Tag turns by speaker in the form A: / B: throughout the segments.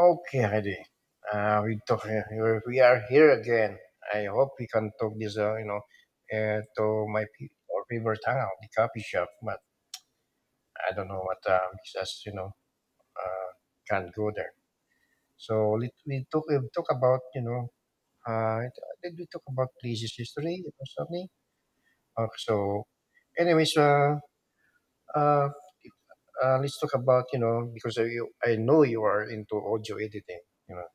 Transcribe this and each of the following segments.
A: Okay, Heidi. We We are here again. I hope we can talk this to my pe- or favorite hangout, the coffee shop. But I don't know what because uh, can't go there. So let we talk. We talk about you know. Uh, did we talk about places history or something? Okay, so, anyways, uh, uh, let's talk about because I know you are into audio editing. You know.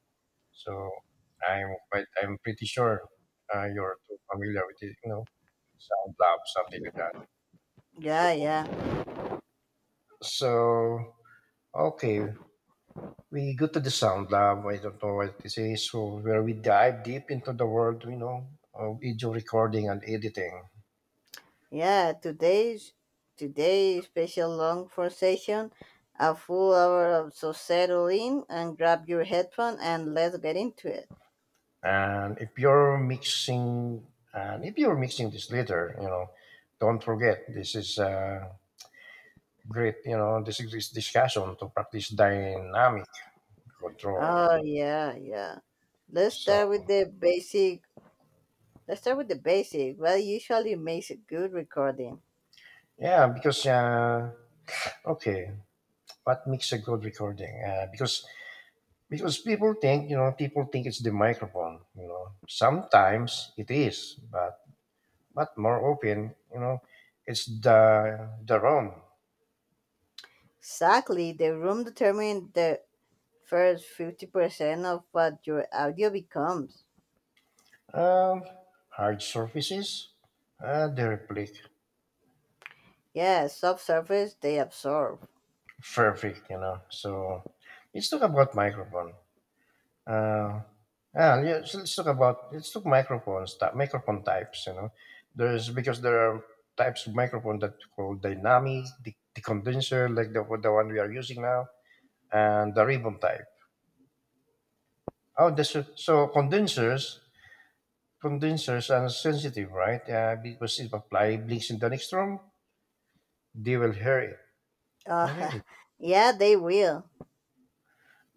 A: So I'm pretty sure you're too familiar with it, you know, sound lab, something like that. So,
B: Yeah, yeah,
A: so okay, we go to the sound lab. I don't know what this is. So where we dive deep into the world, you know, of video recording and editing.
B: yeah. Today's today's special long conversation, a full hour of so settle in and grab your headphone and let's get into it.
A: And if you're mixing, and if you're mixing this later, you know, don't forget this is a great, you know, this discussion to practice dynamic control.
B: Oh yeah, yeah. Let's
A: So
B: start with the basic. Let's start with the basic. What usually makes a good recording?
A: yeah, because okay, what makes a good recording? Because people think people think it's the microphone. You know, sometimes it is, but more often, you know, it's the room,
B: Exactly, the room determines the first 50% of what your audio becomes.
A: um, Hard surfaces, uh, the replic,
B: Yeah, subsurface they absorb.
A: perfect. You know, so let's talk about microphone. Uh, yeah, yeah. So let's talk microphones, microphone types. You know, there are types of microphone that called dynamic, the condenser, like the one we are using now, and the ribbon type. Oh, this, so condensers, Condensers are sensitive, right? Because if apply blinks in the next room, they will hear it. Oh,
B: Uh,
A: really?
B: yeah, they will.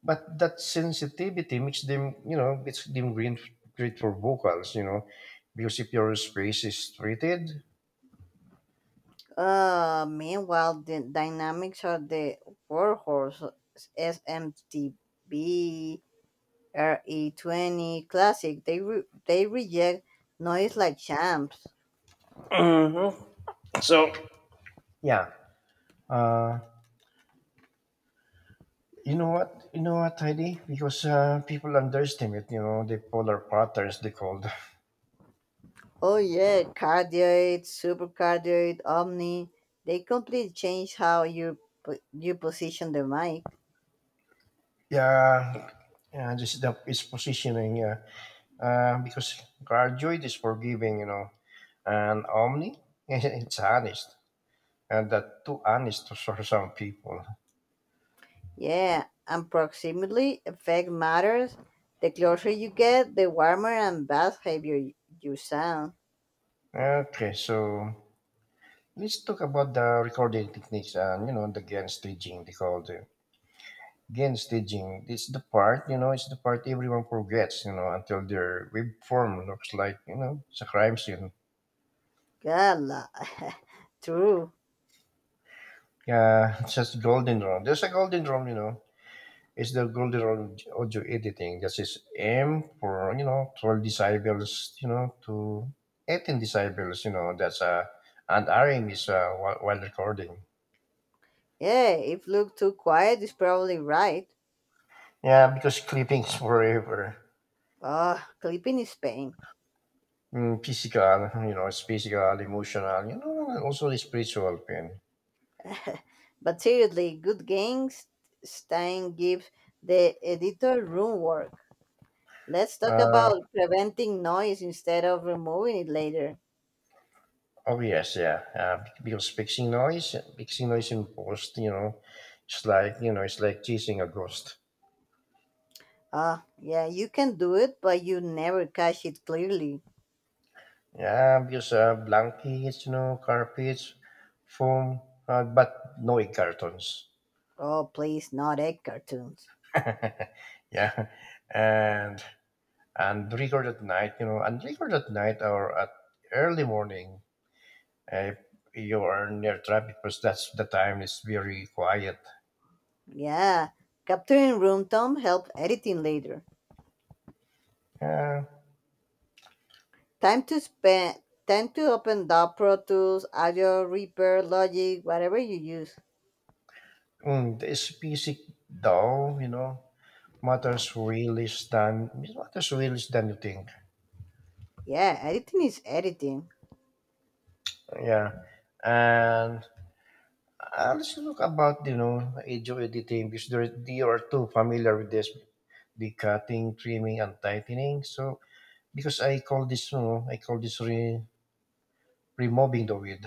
A: But that sensitivity makes them, you know, great for vocals, you know, because if your space is treated.
B: Meanwhile, the dynamics of the Warhorse SMTB RE20 Classic, they reject noise like champs.
A: Mm-hmm. So yeah. Uh, you know what? You know what, Heidi? Because people underestimate, you know, the polar patterns they called.
B: Oh yeah, cardioid, supercardioid, omni, they completely change how you position the mic.
A: Yeah. Yeah, this is positioning. Yeah. Because graduate is forgiving, you know, and Omni, it's honest, and that too honest for some people.
B: Yeah, and proximity effect matters. The closer you get, the warmer and bass heavier you sound.
A: Okay, so let's talk about the recording techniques and you know the again staging they called. Again, staging. It's the part, you know, it's the part everyone forgets, you know, until their web form looks like, you know, it's a crime scene.
B: Gala. True.
A: Yeah, it's just golden rule. There's a golden rule, you know. It's the golden rule of audio editing. That is M for, you know, 12 decibels, you know, to 18 decibels, you know, that's a, and RM is while recording.
B: Yeah, if look too quiet is probably right.
A: Yeah, because clipping is forever.
B: Ugh, clipping is pain.
A: Mm, physical, you know, it's physical, emotional, you know, and also the spiritual pain.
B: But seriously, good games Stein gives the editor room work. Let's talk
A: Uh,
B: about preventing noise instead of removing it later.
A: Oh yes, yeah. Because fixing noise in post, you know, it's like chasing a ghost.
B: Ah, yeah, you can do it, but you never catch it clearly.
A: Yeah, because blankets, you know, carpets, foam, but no egg cartons.
B: Oh, please, not egg cartoons.
A: Yeah, and and record at night, you know, and record at night or at early morning. Uh, you are near traffic because that's the time it's very quiet.
B: Yeah, capturing room tone help editing later.
A: Yeah,
B: Time to spend time to open up Pro Tools, Audio Reaper, Logic, whatever you use.
A: mm, it's basic though, you know. Matters really than you think.
B: Yeah, editing is editing.
A: Yeah, and let's look about audio editing because there you are too familiar with this, the cutting, trimming, and tightening. So because I call this removing the weed.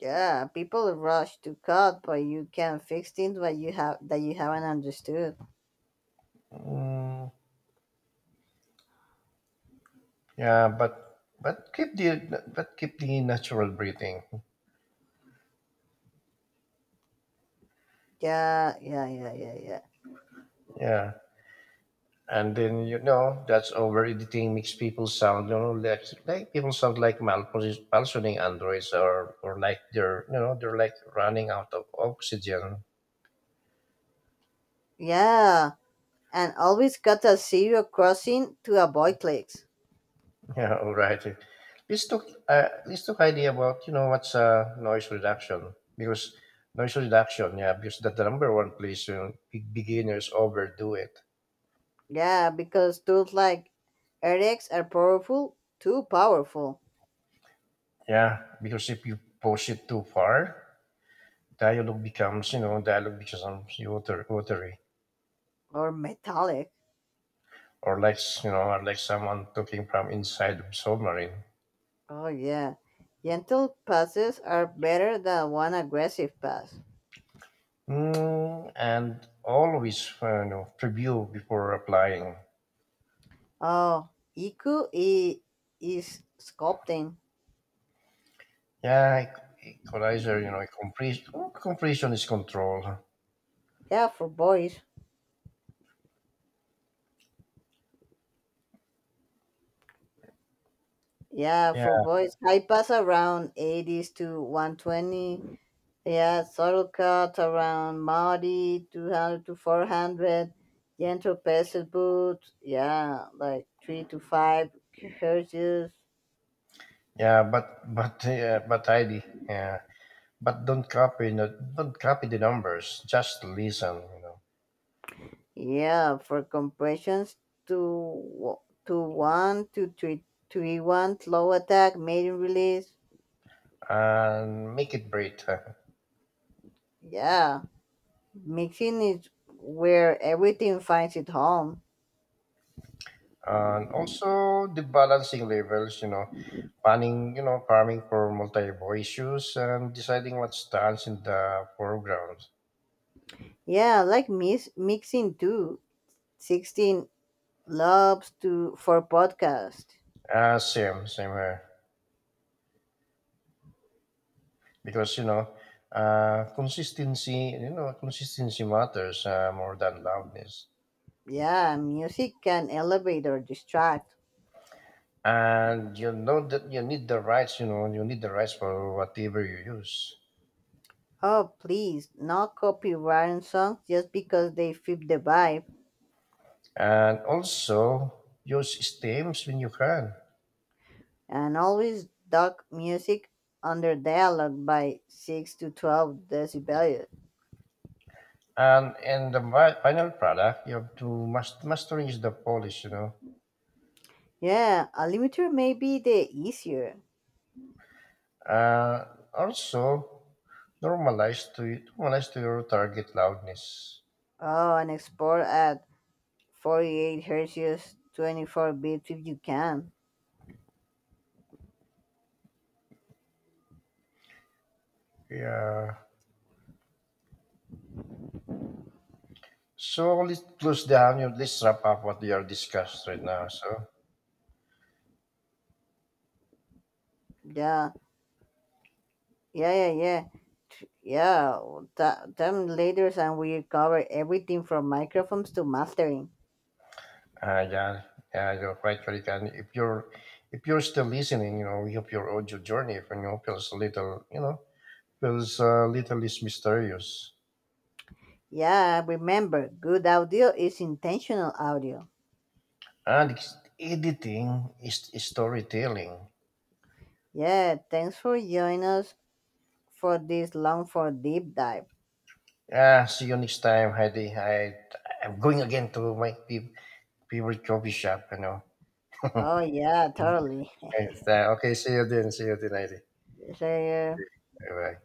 B: Yeah, people rush to cut, but you can fix things that you haven't understood.
A: Mm, yeah, but keep the natural breathing.
B: Yeah, yeah, yeah, yeah, yeah.
A: Yeah. And then you know that's over editing makes people sound like people sound like malfunctioning androids or like they're you know they're like running out of oxygen.
B: Yeah, and always cut a zero crossing to avoid clicks.
A: Yeah, all right. Let's talk idea about what's noise reduction because noise reduction. Yeah, because that's the number one place you know, beginners overdo it.
B: Yeah, because tools like RX are powerful, too powerful,
A: Yeah, because if you push it too far, dialogue becomes watery
B: or metallic.
A: or you know, or like someone talking from inside the submarine.
B: Oh, yeah. Gentle passes are better than one aggressive pass.
A: Mm, and always preview before applying.
B: Oh, Iku i- is sculpting.
A: Yeah, equalizer. You know, completion is control.
B: Yeah, for boys. Yeah,
A: Yeah,
B: for boys. High pass around 80s to 120. Yeah, subtle cut around Maori 200 to 400. Gentle passes boots. Yeah, like 3 to 5 hertz.
A: but ID. Yeah, but don't copy. No, don't copy the numbers. Just listen. You know,
B: Yeah, for compressions to w- to 1 to 3, 3 to 1 slow attack maiden release.
A: and make it brief.
B: Yeah, mixing is where everything finds its home.
A: And also the balancing levels, you know, planning, you know, farming for multiple issues and deciding what stands in the foreground.
B: Yeah, I like mixing too. 16 loves to for podcast.
A: Same here because consistency, consistency matters, more than loudness.
B: Yeah, music can elevate or distract.
A: And you know that you need the rights, you need the rights for whatever you use.
B: Oh please, not copyright songs just because they fit the vibe.
A: And also use stems when you can.
B: And always duck music under dialogue by 6 to 12 decibels.
A: And in the final product, you have to masterize the polish, you know.
B: Yeah, a limiter may be the easier.
A: Uh, also, Normalize to your target loudness.
B: Oh, and export at 48 hertz, 24 bits if you can.
A: Yeah. So let's close down. You let's wrap up what we are discussed right now. So
B: Yeah, yeah, yeah, yeah. Yeah, time leaders and we cover everything from microphones to mastering.
A: yeah, yeah, you're quite correct. And if you're, still listening, you know, we hope your audio journey, if you know, feels a little, less mysterious.
B: Yeah, remember, good audio is intentional audio.
A: And editing is storytelling.
B: Yeah, thanks for joining us for this long for deep dive.
A: Yeah, see you next time, Heidi. I'm going again to my favorite coffee shop. You know.
B: Oh yeah, totally.
A: Right, okay, see you then. See you then, Heidi.
B: So,
A: Bye bye.